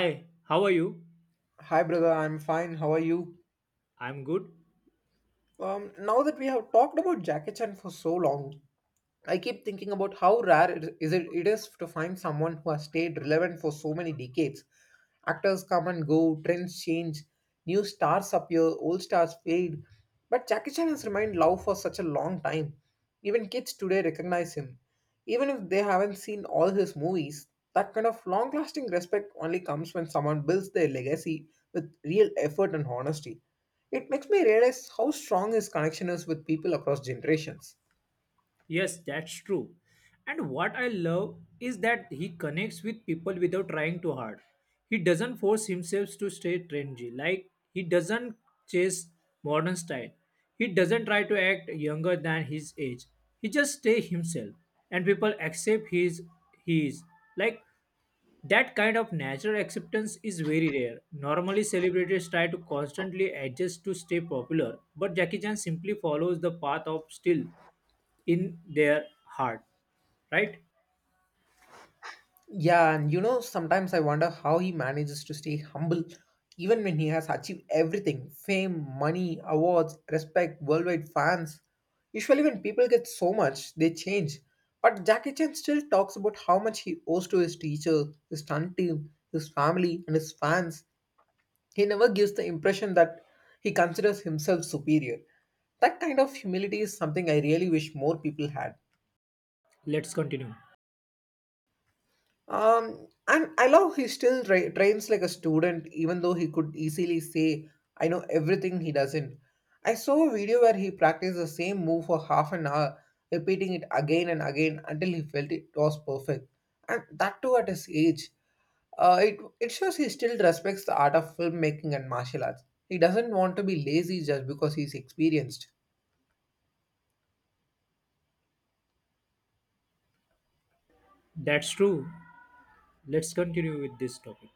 Hi, how are you? Hi, brother. I'm fine. How are you? I'm good. Now that we have talked about Jackie Chan for so long, I keep thinking about how rare it is to find someone who has stayed relevant for so many decades. Actors come and go, trends change, new stars appear, old stars fade. But Jackie Chan has remained loved for such a long time. Even kids today recognize him. Even if they haven't seen all his movies, that kind of long lasting respect only comes when someone builds their legacy with real effort and honesty. It makes me realize how strong his connection is with people across generations. Yes, that's true. And what I love is that he connects with people without trying too hard. He doesn't force himself to stay trendy. Like, he doesn't chase modern style. He doesn't try to act younger than his age. He just stay himself. And people accept his he is. Like that kind of natural acceptance is very rare. Normally, celebrities try to constantly adjust to stay popular, but Jackie Chan simply follows the path of still in their heart. Right? Yeah, and you know, sometimes I wonder how he manages to stay humble even when he has achieved everything fame, money, awards, respect, worldwide fans. Usually, when people get so much, they change. But Jackie Chan still talks about how much he owes to his teacher, his stunt team, his family, and his fans. He never gives the impression that he considers himself superior. That kind of humility is something I really wish more people had. Let's continue. And I love he still trains like a student, even though he could easily say, I know everything he doesn't. I saw a video where he practiced the same move for half an hour, repeating it again and again until he felt it was perfect. And that too at his age. It shows he still respects the art of filmmaking and martial arts. He doesn't want to be lazy just because he's experienced. That's true. Let's continue with this topic.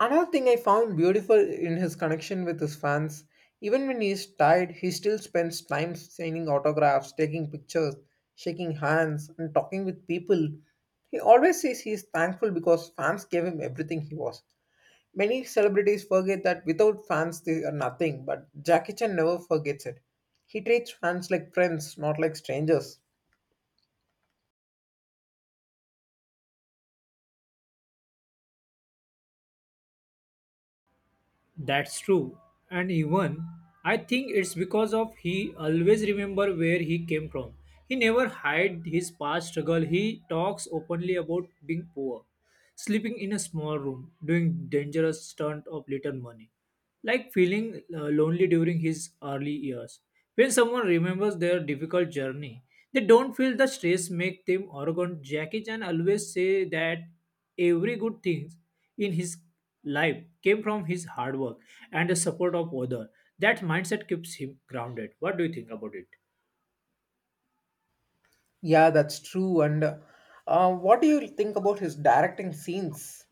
Another thing I found beautiful in his connection with his fans, even when he is tired, he still spends time signing autographs, taking pictures, shaking hands, and talking with people. He always says he is thankful because fans gave him everything he was. Many celebrities forget that without fans they are nothing, but Jackie Chan never forgets it. He treats fans like friends, not like strangers. That's true. And even I think it's because of he always remember where he came from. He never hide his past struggle. He talks openly about being poor, sleeping in a small room, doing dangerous stunt of little money like feeling lonely during his early years. When someone remembers their difficult journey, they don't feel the stress make them arrogant. Jackie Chan always say that every good thing in his life came from his hard work and the support of others. That mindset keeps him grounded. What do you think about it? Yeah, that's true. And what do you think about his directing scenes?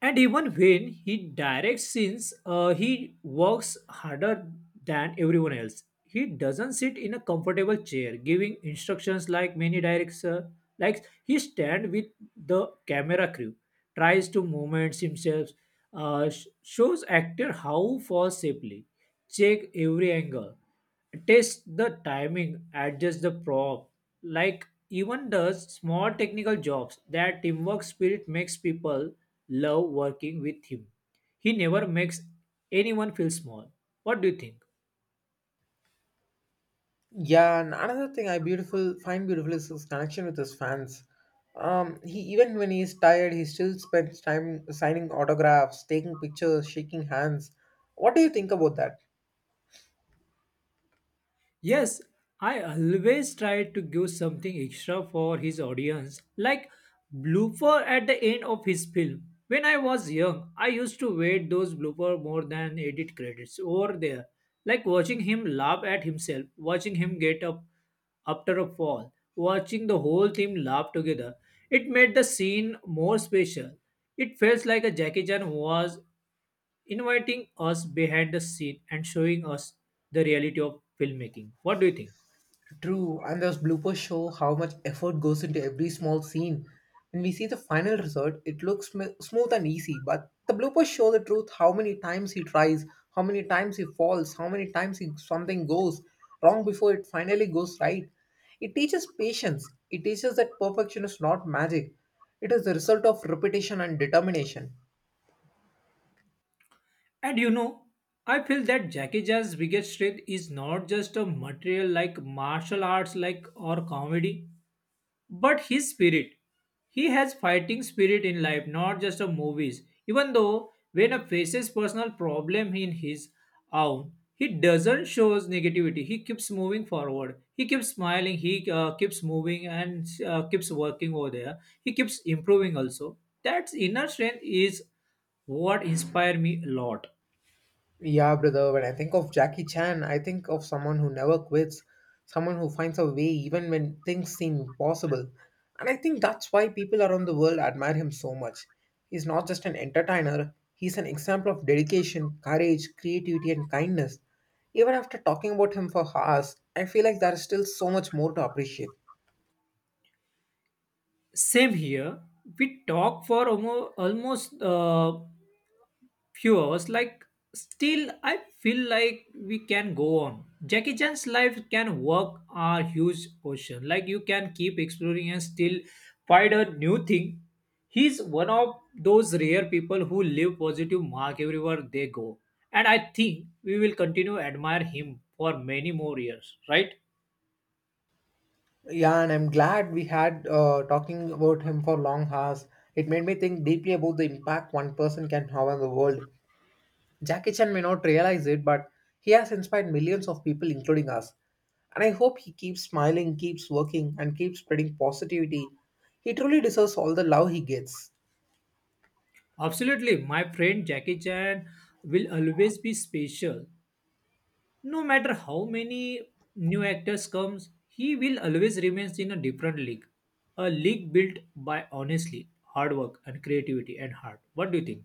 And even when he directs scenes, he works harder than everyone else. He doesn't sit in a comfortable chair giving instructions like many director. Like he stand with the camera crew, tries to movement himself, shows actor how fall safely, check every angle, test the timing, adjust the prop. Like even does small technical jobs. That teamwork spirit makes people love working with him. He never makes anyone feel small. What do you think? Yeah, and another thing I beautiful find beautiful is his connection with his fans. He Even when he's tired, he still spends time signing autographs, taking pictures, shaking hands. What do you think about that? Yes, I always try to give something extra for his audience, like blooper at the end of his film. When I was young, I used to wait those blooper more than edit credits over there, like watching him laugh at himself, watching him get up after a fall, watching the whole team laugh together. It made the scene more special. It felt like a Jackie Chan was inviting us behind the scene and showing us the reality of filmmaking. What do you think? True, and those bloopers show how much effort goes into every small scene. When we see the final result, it looks smooth and easy, but the bloopers show the truth how many times he tries, how many times he falls, how many times he, something goes wrong before it finally goes right. It teaches patience, it teaches that perfection is not magic, it is the result of repetition and determination. And you know, I feel that Jackie Chan's biggest strength is not just a material like martial arts like or comedy, but his spirit. He has fighting spirit in life, not just of movies. Even though when a faces personal problem in his own, he doesn't shows negativity. He keeps moving forward, he keeps smiling, he keeps moving and keeps working over there, he keeps improving also. That inner strength is what inspired me a lot. Yeah, brother, when I think of Jackie Chan, I think of someone who never quits, someone who finds a way even when things seem impossible. And I think that's why people around the world admire him so much. He's not just an entertainer, he's an example of dedication, courage, creativity, and kindness. Even after talking about him for hours, I feel like there is still so much more to appreciate. Same here. We talked for almost few hours, like still I feel like we can go on. Jackie Chan's life can work a huge ocean, like you can keep exploring and still find a new thing. He's one of those rare people who leave positive mark everywhere they go, and I think we will continue to admire him for many more years, right? Yeah, and I'm glad we had talking about him for long hours. It made me think deeply about the impact one person can have on the world. Jackie Chan may not realize it, but he has inspired millions of people, including us. And I hope he keeps smiling, keeps working, and keeps spreading positivity. He truly deserves all the love he gets. Absolutely, my friend. Jackie Chan will always be special. No matter how many new actors comes, he will always remains in a different league. A league built by honestly, hard work and creativity and heart. What do you think?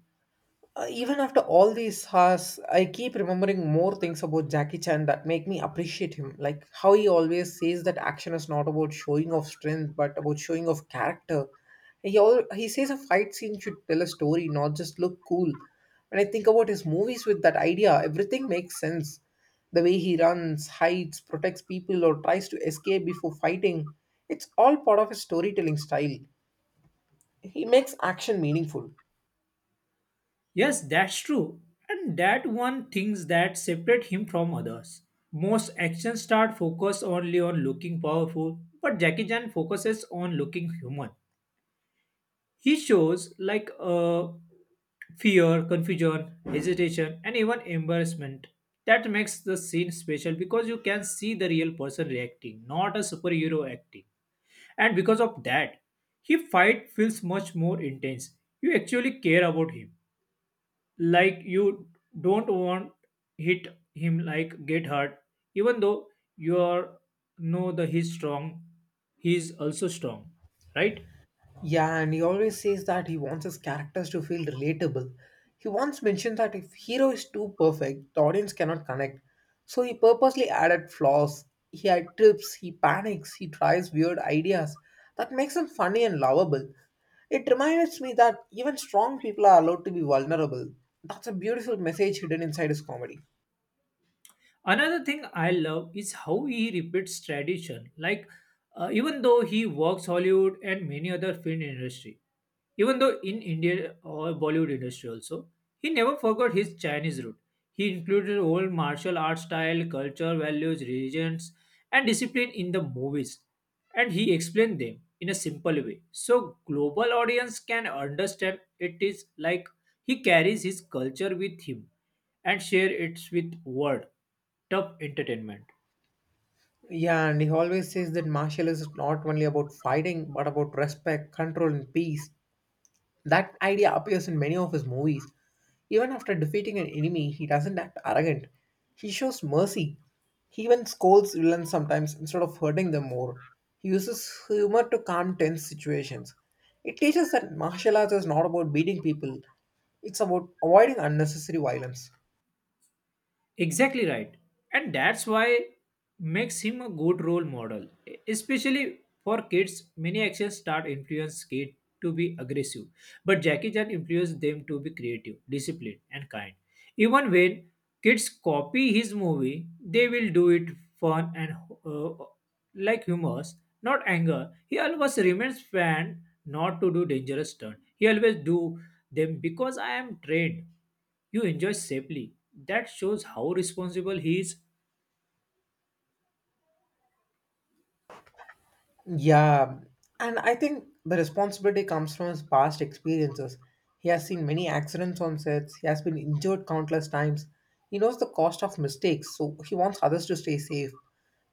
Even after all these hours, I keep remembering more things about Jackie Chan that make me appreciate him. Like how he always says that action is not about showing off strength, but about showing off character. He says a fight scene should tell a story, not just look cool. When I think about his movies with that idea, everything makes sense. The way he runs, hides, protects people, or tries to escape before fighting, it's all part of his storytelling style. He makes action meaningful. Yes, that's true. And that one things that separate him from others. Most action star focus only on looking powerful, but Jackie Chan focuses on looking human. He shows like fear, confusion, hesitation, and even embarrassment. That makes the scene special because you can see the real person reacting, not a superhero acting. And because of that, his fight feels much more intense. You actually care about him. Like you don't want hit him like get hurt. Even though you are know that he's strong, he's also strong. Right? Yeah, and he always says that he wants his characters to feel relatable. He once mentioned that if hero is too perfect, the audience cannot connect. So he purposely added flaws. He had trips, he panics, he tries weird ideas. That makes him funny and lovable. It reminds me that even strong people are allowed to be vulnerable. That's a beautiful message hidden inside his comedy. Another thing I love is how he repeats tradition. Like even though he works Hollywood and many other film industry, even though in India or Bollywood industry also, he never forgot his Chinese root. He included old martial art style, culture, values, religions, and discipline in the movies, and he explained them in a simple way, so global audience can understand. It is like he carries his culture with him and share it with world top entertainment. Yeah, and he always says that martial is not only about fighting but about respect, control, and peace. That idea appears in many of his movies. Even after defeating an enemy, he doesn't act arrogant. He shows mercy. He even scolds villains sometimes instead of hurting them more. He uses humor to calm tense situations. It teaches that martial arts is not about beating people, it's about avoiding unnecessary violence. Exactly right. And that's why makes him a good role model. Especially for kids, many actions start influence kids to be aggressive. But Jackie Chan influenced them to be creative, disciplined, and kind. Even when kids copy his movie, they will do it fun and uh, like humors, not anger. He always remains fan not to do dangerous stunts. He always do them because I am trained. You enjoy safely. That shows how responsible he is. Yeah, and I think the responsibility comes from his past experiences. He has seen many accidents on sets, he has been injured countless times. He knows the cost of mistakes, so he wants others to stay safe.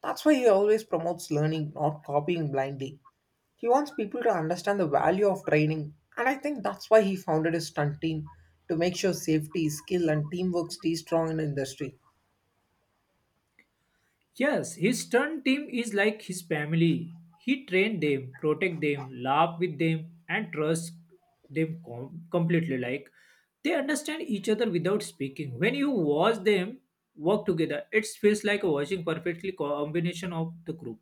That's why he always promotes learning, not copying blindly. He wants people to understand the value of training, and I think that's why he founded his stunt team to make sure safety, skill, and teamwork stay strong in the industry. Yes, his stunt team is like his family. He train them, protect them, laugh with them, and trust them completely. Like they understand each other without speaking. When you watch them work together, it feels like watching perfectly combination of the group.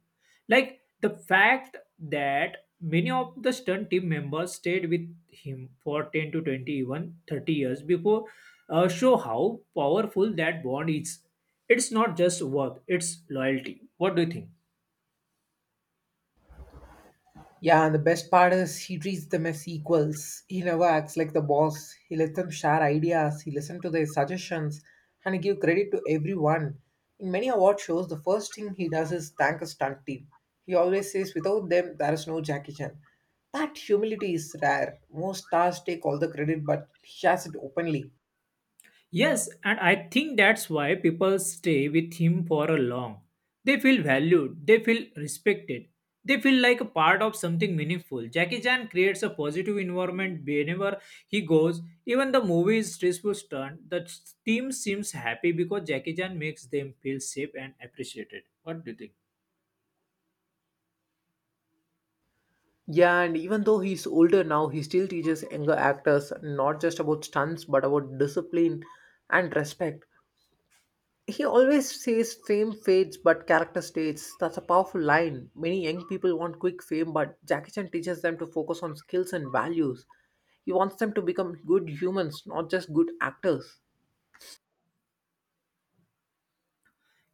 Like the fact that many of the stunt team members stayed with him for 10 to 20, even 30 years before show how powerful that bond is. It's not just work, it's loyalty. What do you think? Yeah, and the best part is he treats them as equals. He never acts like the boss. He lets them share ideas, he listens to their suggestions, and he gives credit to everyone. In many award shows, the first thing he does is thank a stunt team. He always says, without them, there is no Jackie Chan. That humility is rare. Most stars take all the credit, but he shares it openly. Yes, and I think that's why people stay with him for a long. They feel valued, they feel respected, they feel like a part of something meaningful. Jackie Chan creates a positive environment whenever he goes. Even the movie is stressful turn, the team seems happy because Jackie Chan makes them feel safe and appreciated. What do you think? Yeah, and even though he's older now, he still teaches younger actors not just about stunts but about discipline and respect. He always says fame fades but character stays. That's a powerful line. Many young people want quick fame, but Jackie Chan teaches them to focus on skills and values. He wants them to become good humans, not just good actors.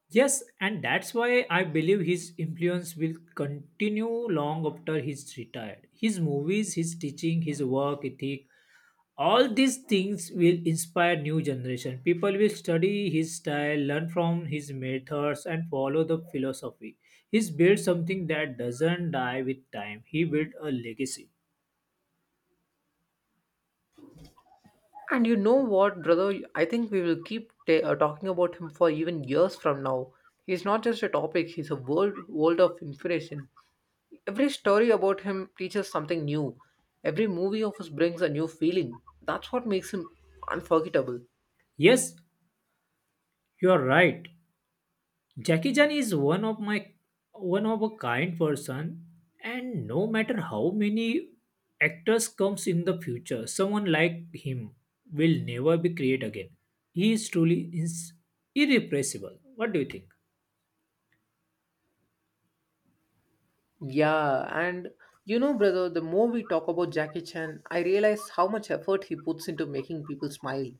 Yes, and that's why I believe his influence will continue long after he's retired. His movies, his teaching, his work ethic, all these things will inspire new generation. People will study his style, learn from his methods and follow the philosophy. He's built something that doesn't die with time. He built a legacy. And you know what, brother? I think we will keep talking about him for even years from now. He's not just a topic, he's a world of inspiration. Every story about him teaches something new. Every movie of his brings a new feeling. That's what makes him unforgettable. Yes, you're right. Jackie Chan is one of my one of a kind person, and no matter how many actors comes in the future, someone like him will never be created again. He is truly irrepressible. What do you think? Yeah, and you know, brother, the more we talk about Jackie Chan, I realize how much effort he puts into making people smile.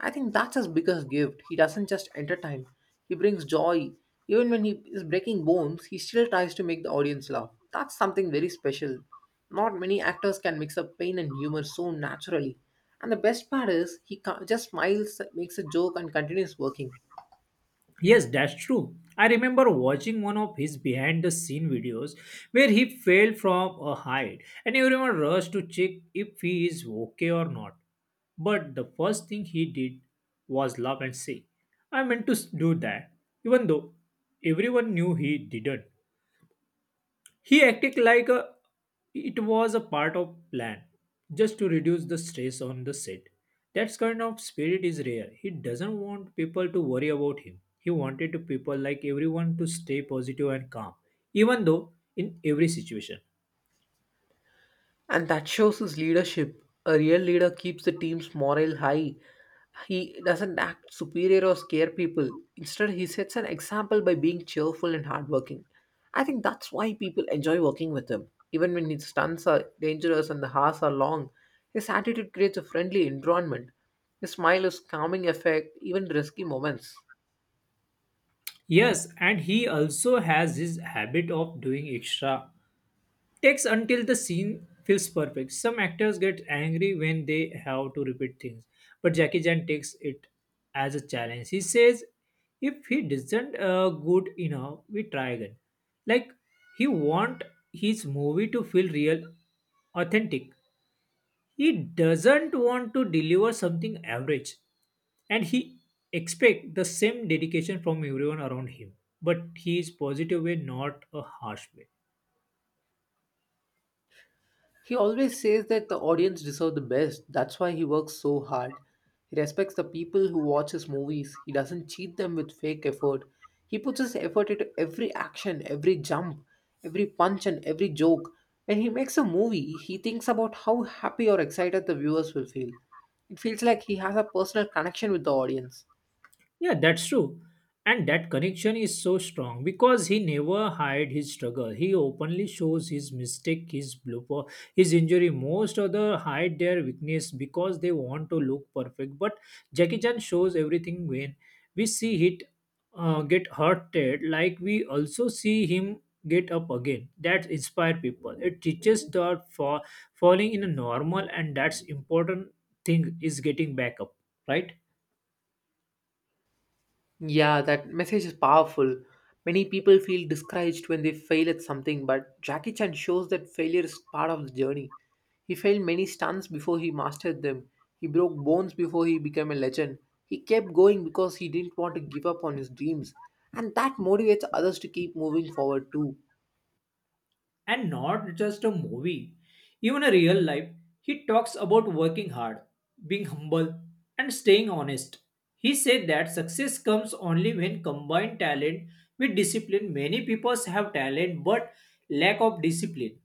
I think that's his biggest gift. He doesn't just entertain, he brings joy. Even when he is breaking bones, he still tries to make the audience laugh. That's something very special. Not many actors can mix up pain and humor so naturally. And the best part is, he just smiles, makes a joke, and continues working. Yes, that's true. I remember watching one of his behind the scene videos where he fell from a height and everyone rushed to check if he is okay or not. But the first thing he did was laugh and say, "I meant to do that," even though everyone knew he didn't. He acted like a, it was a part of plan, just to reduce the stress on the set. That kind of spirit is rare. He doesn't want people to worry about him. He wanted to people like everyone to stay positive and calm, even though in every situation. And that shows his leadership. A real leader keeps the team's morale high. He doesn't act superior or scare people. Instead, he sets an example by being cheerful and hardworking. I think that's why people enjoy working with him. Even when his stunts are dangerous and the hours are long, his attitude creates a friendly environment. His smile is calming effect, even in risky moments. Yes, and he also has his habit of doing extra takes until the scene feels perfect. Some actors get angry when they have to repeat things, but Jackie Chan takes it as a challenge. He says, "If he doesn't good enough, we try again." Like he want his movie to feel real, authentic. He doesn't want to deliver something average, and he expect the same dedication from everyone around him. But he is positive way, not a harsh way. He always says that the audience deserve the best. That's why he works so hard. He respects the people who watch his movies. He doesn't cheat them with fake effort. He puts his effort into every action, every jump, every punch, and every joke. When he makes a movie, he thinks about how happy or excited the viewers will feel. It feels like he has a personal connection with the audience. Yeah, that's true. And that connection is so strong because he never hide his struggle. He openly shows his mistake, his blooper, his injury. Most other hide their weakness because they want to look perfect. But Jackie Chan shows everything. When we see it get hurted, like we also see him get up again. That inspire people. It teaches that for falling in a normal and that's important thing is getting back up, right? Yeah, that message is powerful. Many people feel discouraged when they fail at something, but Jackie Chan shows that failure is part of the journey. He failed many stunts before he mastered them. He broke bones before he became a legend. He kept going because he didn't want to give up on his dreams. And that motivates others to keep moving forward too. And not just a movie. Even a real life, he talks about working hard, being humble, and staying honest. He said that success comes only when combined talent with discipline. Many people have talent but lack of discipline,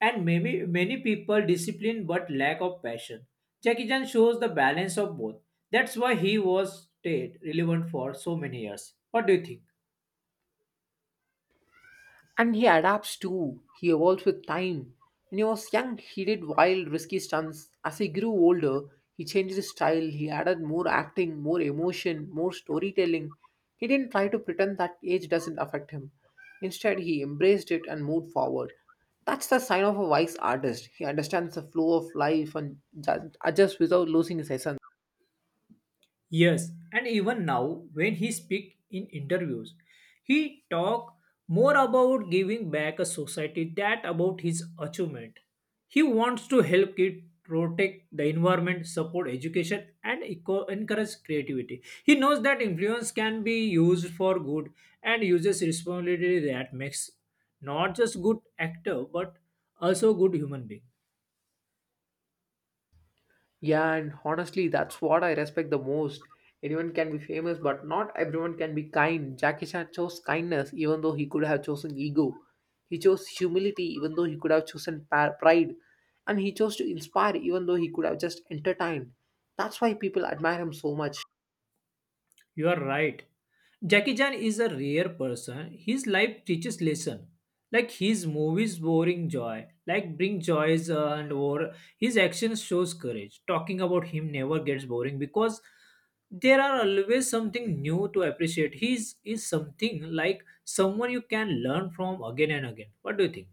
and many people discipline but lack of passion. Jackie Chan shows the balance of both. That's why he was stayed relevant for so many years. What do you think? And he adapts too. He evolves with time. When he was young, he did wild, risky stunts. As he grew older, he changed his style. He added more acting, more emotion, more storytelling. He didn't try to pretend that age doesn't affect him. Instead, he embraced it and moved forward. That's the sign of a wise artist. He understands the flow of life and adjusts without losing his essence. Yes, and even now when he speak in interviews, he talk more about giving back a society that about his achievement. He wants to help kids protect the environment, support education, and encourage creativity. He knows that influence can be used for good and uses responsibility that makes not just good actor but also good human being. Yeah, and honestly, that's what I respect the most. Anyone can be famous, but not everyone can be kind. Jackie Chan chose kindness, even though he could have chosen ego. He chose humility, even though he could have chosen pride. And he chose to inspire, even though he could have just entertained. That's why people admire him so much. You are right. Jackie Chan is a rare person. His life teaches lesson. Like his movies boring joy, like bring joys and war. His actions shows courage. Talking about him never gets boring because there are always something new to appreciate. He is something like someone you can learn from again and again. What do you think?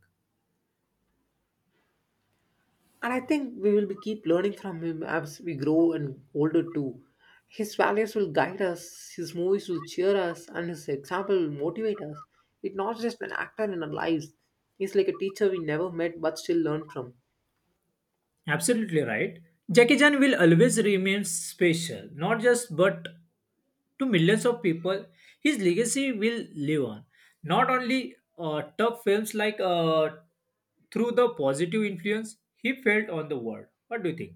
And I think we will be keep learning from him as we grow and older too. His values will guide us, his movies will cheer us, and his example will motivate us. It's not just an actor in our lives. He's like a teacher we never met but still learn from. Absolutely right. Jackie Chan will always remain special, not just but to millions of people. His legacy will live on. Not only tough films like through the positive influence he felt on the world. What do you think?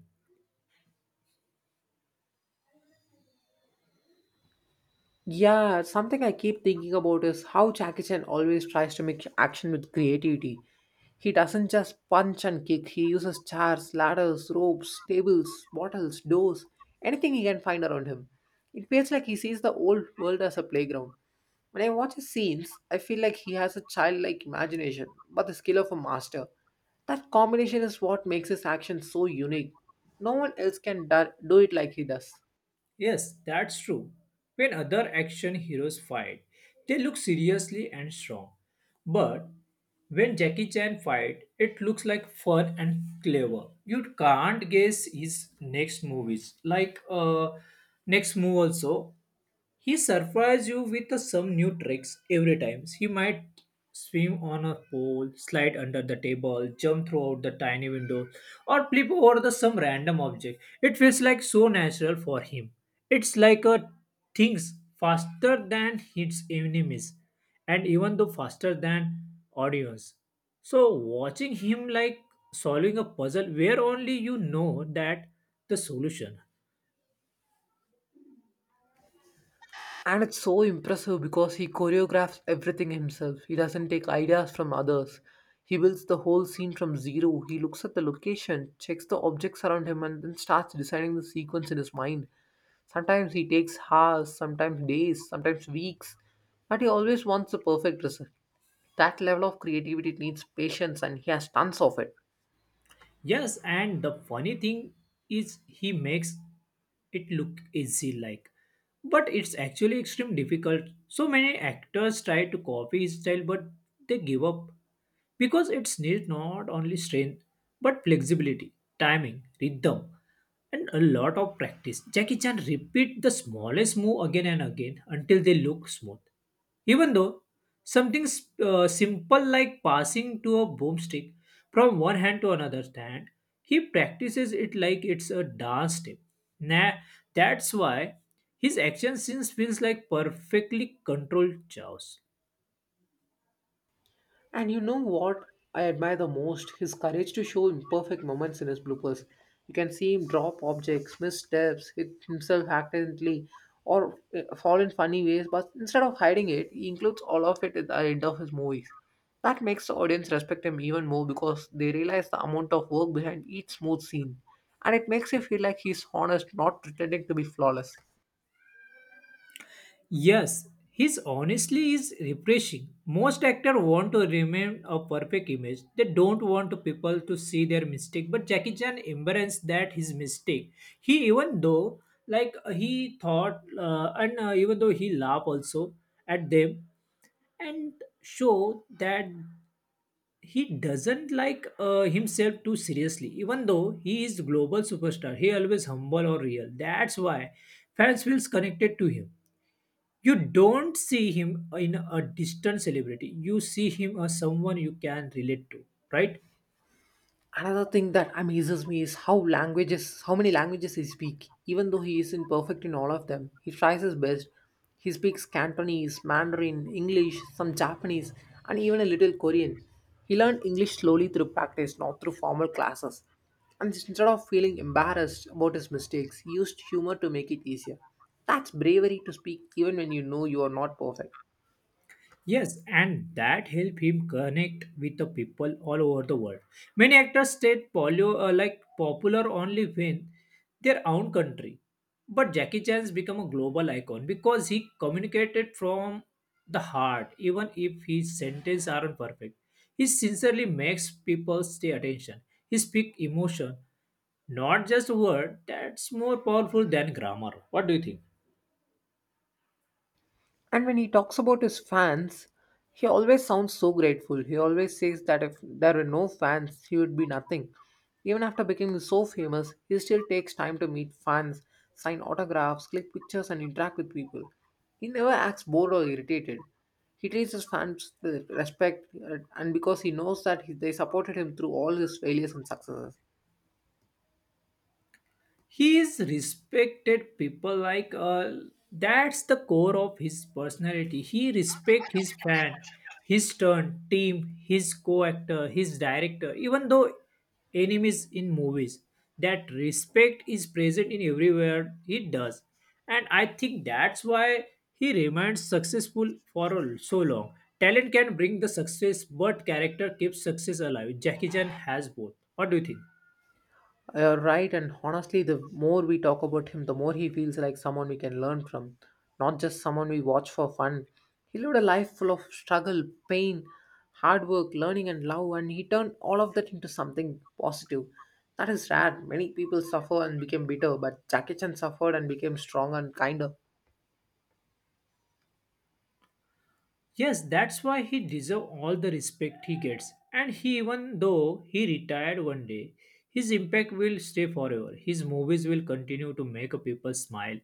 Yeah, something I keep thinking about is how Jackie Chan always tries to make action with creativity. He doesn't just punch and kick, he uses chairs, ladders, ropes, tables, bottles, doors, anything he can find around him. It feels like he sees the old world as a playground. When I watch his scenes, I feel like he has a childlike imagination, but the skill of a master. That combination is what makes his action so unique. No one else can do it like he does. Yes, that's true. When other action heroes fight, they look seriously and strong. But when Jackie Chan fight, it looks like fun and clever. You can't guess his next movies. Next move also. He surprises you with some new tricks every time. He might swim on a pole, slide under the table, jump throughout the tiny window, or flip over the some random object. It feels like so natural for him. It's like a things faster than his enemies, and even though faster than audience. So watching him like solving a puzzle where only you know that the solution. And it's so impressive because he choreographs everything himself. He doesn't take ideas from others. He builds the whole scene from zero. He looks at the location, checks the objects around him, and then starts deciding the sequence in his mind. Sometimes he takes hours, sometimes days, sometimes weeks. But he always wants the perfect result. That level of creativity needs patience, and he has tons of it. Yes, and the funny thing is he makes it look easy like but it's actually extremely difficult. So many actors try to copy his style but they give up because it's needs not only strength but flexibility, timing, rhythm and a lot of practice. Jackie Chan repeat the smallest move again and again until they look smooth. Even though something simple like passing to a boomstick from one hand to another hand, he practices it like it's a dance step. Nah, that's why his action scenes feels like perfectly controlled chaos. And you know what I admire the most? His courage to show imperfect moments in his bloopers. You can see him drop objects, missteps, hit himself accidentally, or fall in funny ways, but instead of hiding it, he includes all of it at the end of his movies. That makes the audience respect him even more because they realize the amount of work behind each smooth scene. And it makes you feel like he's honest, not pretending to be flawless. Yes, his honesty is refreshing. Most actors want to remain a perfect image. They don't want people to see their mistake. But Jackie Chan embraced that his mistake. He even though he thought and even though he laughed also at them and show that he doesn't himself too seriously. Even though he is global superstar, he always humble or real. That's why fans feels connected to him, you don't see him in a distant celebrity, you see him as someone you can relate to, right? Another thing that amazes me is how languages, how many languages he speaks. Even though he isn't perfect in all of them, he tries his best. He speaks Cantonese, Mandarin, English, some Japanese, and even a little Korean. He learned English slowly through practice, not through formal classes. And instead of feeling embarrassed about his mistakes, he used humor to make it easier. That's bravery to speak even when you know you are not perfect. Yes, and that helped him connect with the people all over the world. Many actors stayed polio, like popular only when their own country. But Jackie Chan's become a global icon because he communicated from the heart, even if his sentences aren't perfect. He sincerely makes people stay attention. He speaks emotion, not just word. That's more powerful than grammar. What do you think? And when he talks about his fans, he always sounds so grateful. He always says that if there were no fans, he would be nothing. Even after becoming so famous, he still takes time to meet fans, sign autographs, click pictures, and interact with people. He never acts bored or irritated. He treats his fans with respect, and because he knows that they supported him through all his failures and successes. He is respected people that's the core of his personality. He respect his fan, his turn, team, his co-actor, his director, even though enemies in movies. That respect is present in everywhere he does. And I think that's why he remains successful for so long. Talent can bring the success, but character keeps success alive. Jackie Chan has both. What do you think? You're right, and honestly, the more we talk about him, the more he feels like someone we can learn from, not just someone we watch for fun. He lived a life full of struggle, pain, hard work, learning, and love, and he turned all of that into something positive. That is rare. Many people suffer and became bitter, but Jackie Chan suffered and became strong and kinder. Yes, that's why he deserves all the respect he gets. And he, even though he retired one day, his impact will stay forever. His movies will continue to make people smile.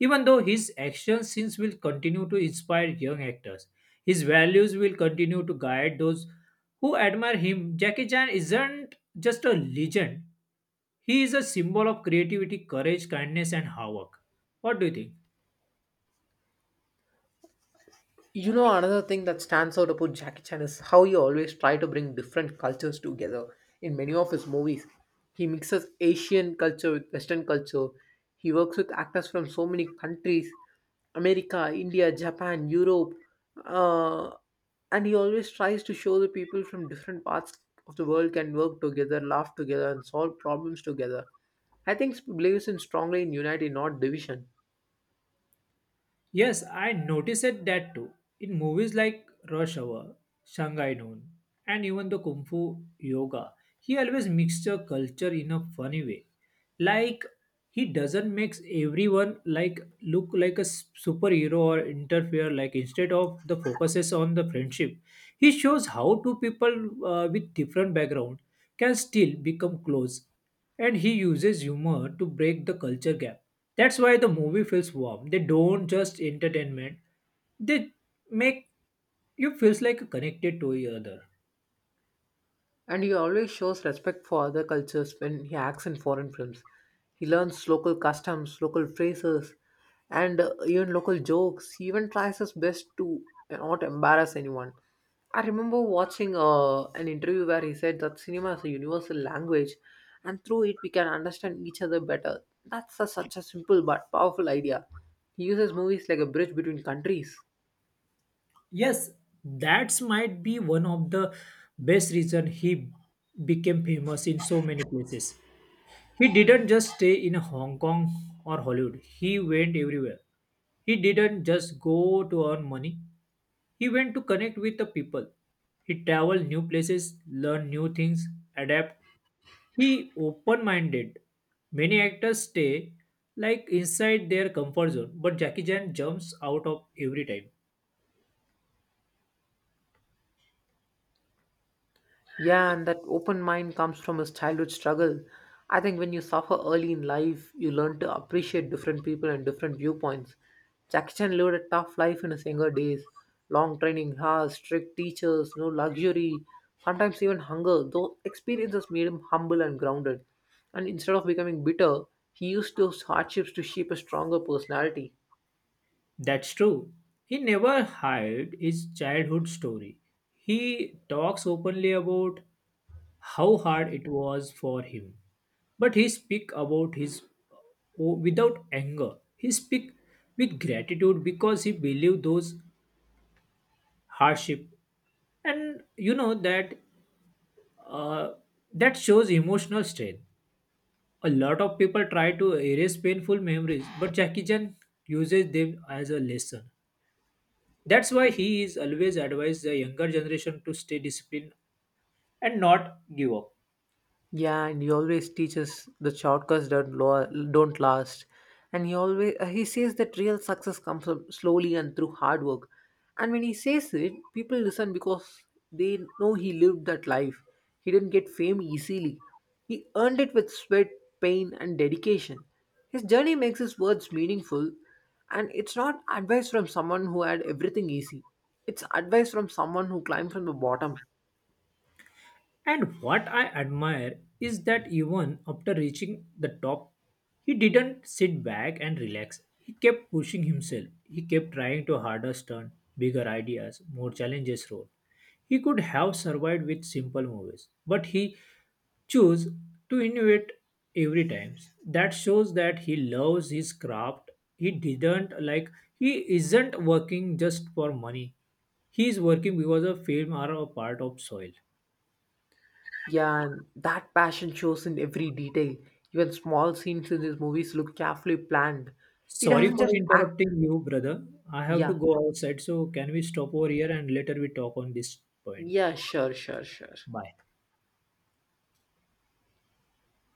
Even though his action scenes will continue to inspire young actors, his values will continue to guide those who admire him. Jackie Chan isn't just a legend, he is a symbol of creativity, courage, kindness, and hard work. What do you think? You know, another thing that stands out about Jackie Chan is how he always try to bring different cultures together. In many of his movies, he mixes Asian culture with Western culture. He works with actors from so many countries, America, India, Japan, Europe, uh, and he always tries to show the people from different parts of the world can work together, laugh together, and solve problems together. I think he believes in strongly in unity, not division. Yes, I noticed it that too. In movies like Rush Hour, Shanghai Noon, and even the Kung Fu Yoga, he always mixture culture in a funny way. Like he doesn't makes everyone like look like a superhero or interfere. Like instead of the focuses on the friendship, he shows how two people with different background can still become close and he uses humor to break the culture gap. That's why the movie feels warm. They don't just entertainment; they make you feels like connected to each other. And he always shows respect for other cultures when he acts in foreign films. He learns local customs, local phrases, and even local jokes. He even tries his best to not embarrass anyone. I remember watching an interview where he said that cinema is a universal language and through it we can understand each other better. Such a simple but powerful idea. He uses movies like a bridge between countries. Yes, that's might be one of the best reason he became famous in so many places. He didn't just stay in Hong Kong or Hollywood. He went everywhere. He didn't just go to earn money. He went to connect with the people. He traveled new places, learned new things, adapt. He open-minded. Many actors stay like inside their comfort zone, but Jackie Chan jumps out of every time. Yeah, and that open mind comes from his childhood struggle. I think when you suffer early in life, you learn to appreciate different people and different viewpoints. Jackie Chan lived a tough life in his younger days, long training hours, strict teachers, no luxury, sometimes even hunger. Those experiences made him humble and grounded. And instead of becoming bitter, he used those hardships to shape a stronger personality. That's true. He never hid his childhood story. He talks openly about how hard it was for him. But he speak about his without anger. He speak with gratitude because he believed those hardship and you know that uh, that shows emotional strength. A lot of people try to erase painful memories, but Jackie Chan uses them as a lesson. That's why he is always advised the younger generation to stay disciplined and not give up. Yeah, and he always teaches the shortcuts that don't last. And he always he says that real success comes up slowly and through hard work. And when he says it, people listen because they know he lived that life. He didn't get fame easily. He earned it with sweat, pain, and dedication. His journey makes his words meaningful, and it's not advice from someone who had everything easy. It's advice from someone who climbed from the bottom. And what I admire is that even after reaching the top, he didn't sit back and relax. He kept pushing himself. He kept trying to harder turn, bigger ideas, more challenges role. He could have survived with simple movies, but he chose to innovate every time. That shows that he loves his craft. He didn't like he isn't working just for money. He is working because a film are a part of soil. Yeah, and that passion shows in every detail. Even small scenes in these movies look carefully planned. It Sorry doesn't for just act. interrupting you, brother. I have to Yeah, go outside, so can we stop over here and later we talk on this point? yeah, sure, sure, sure. Bye.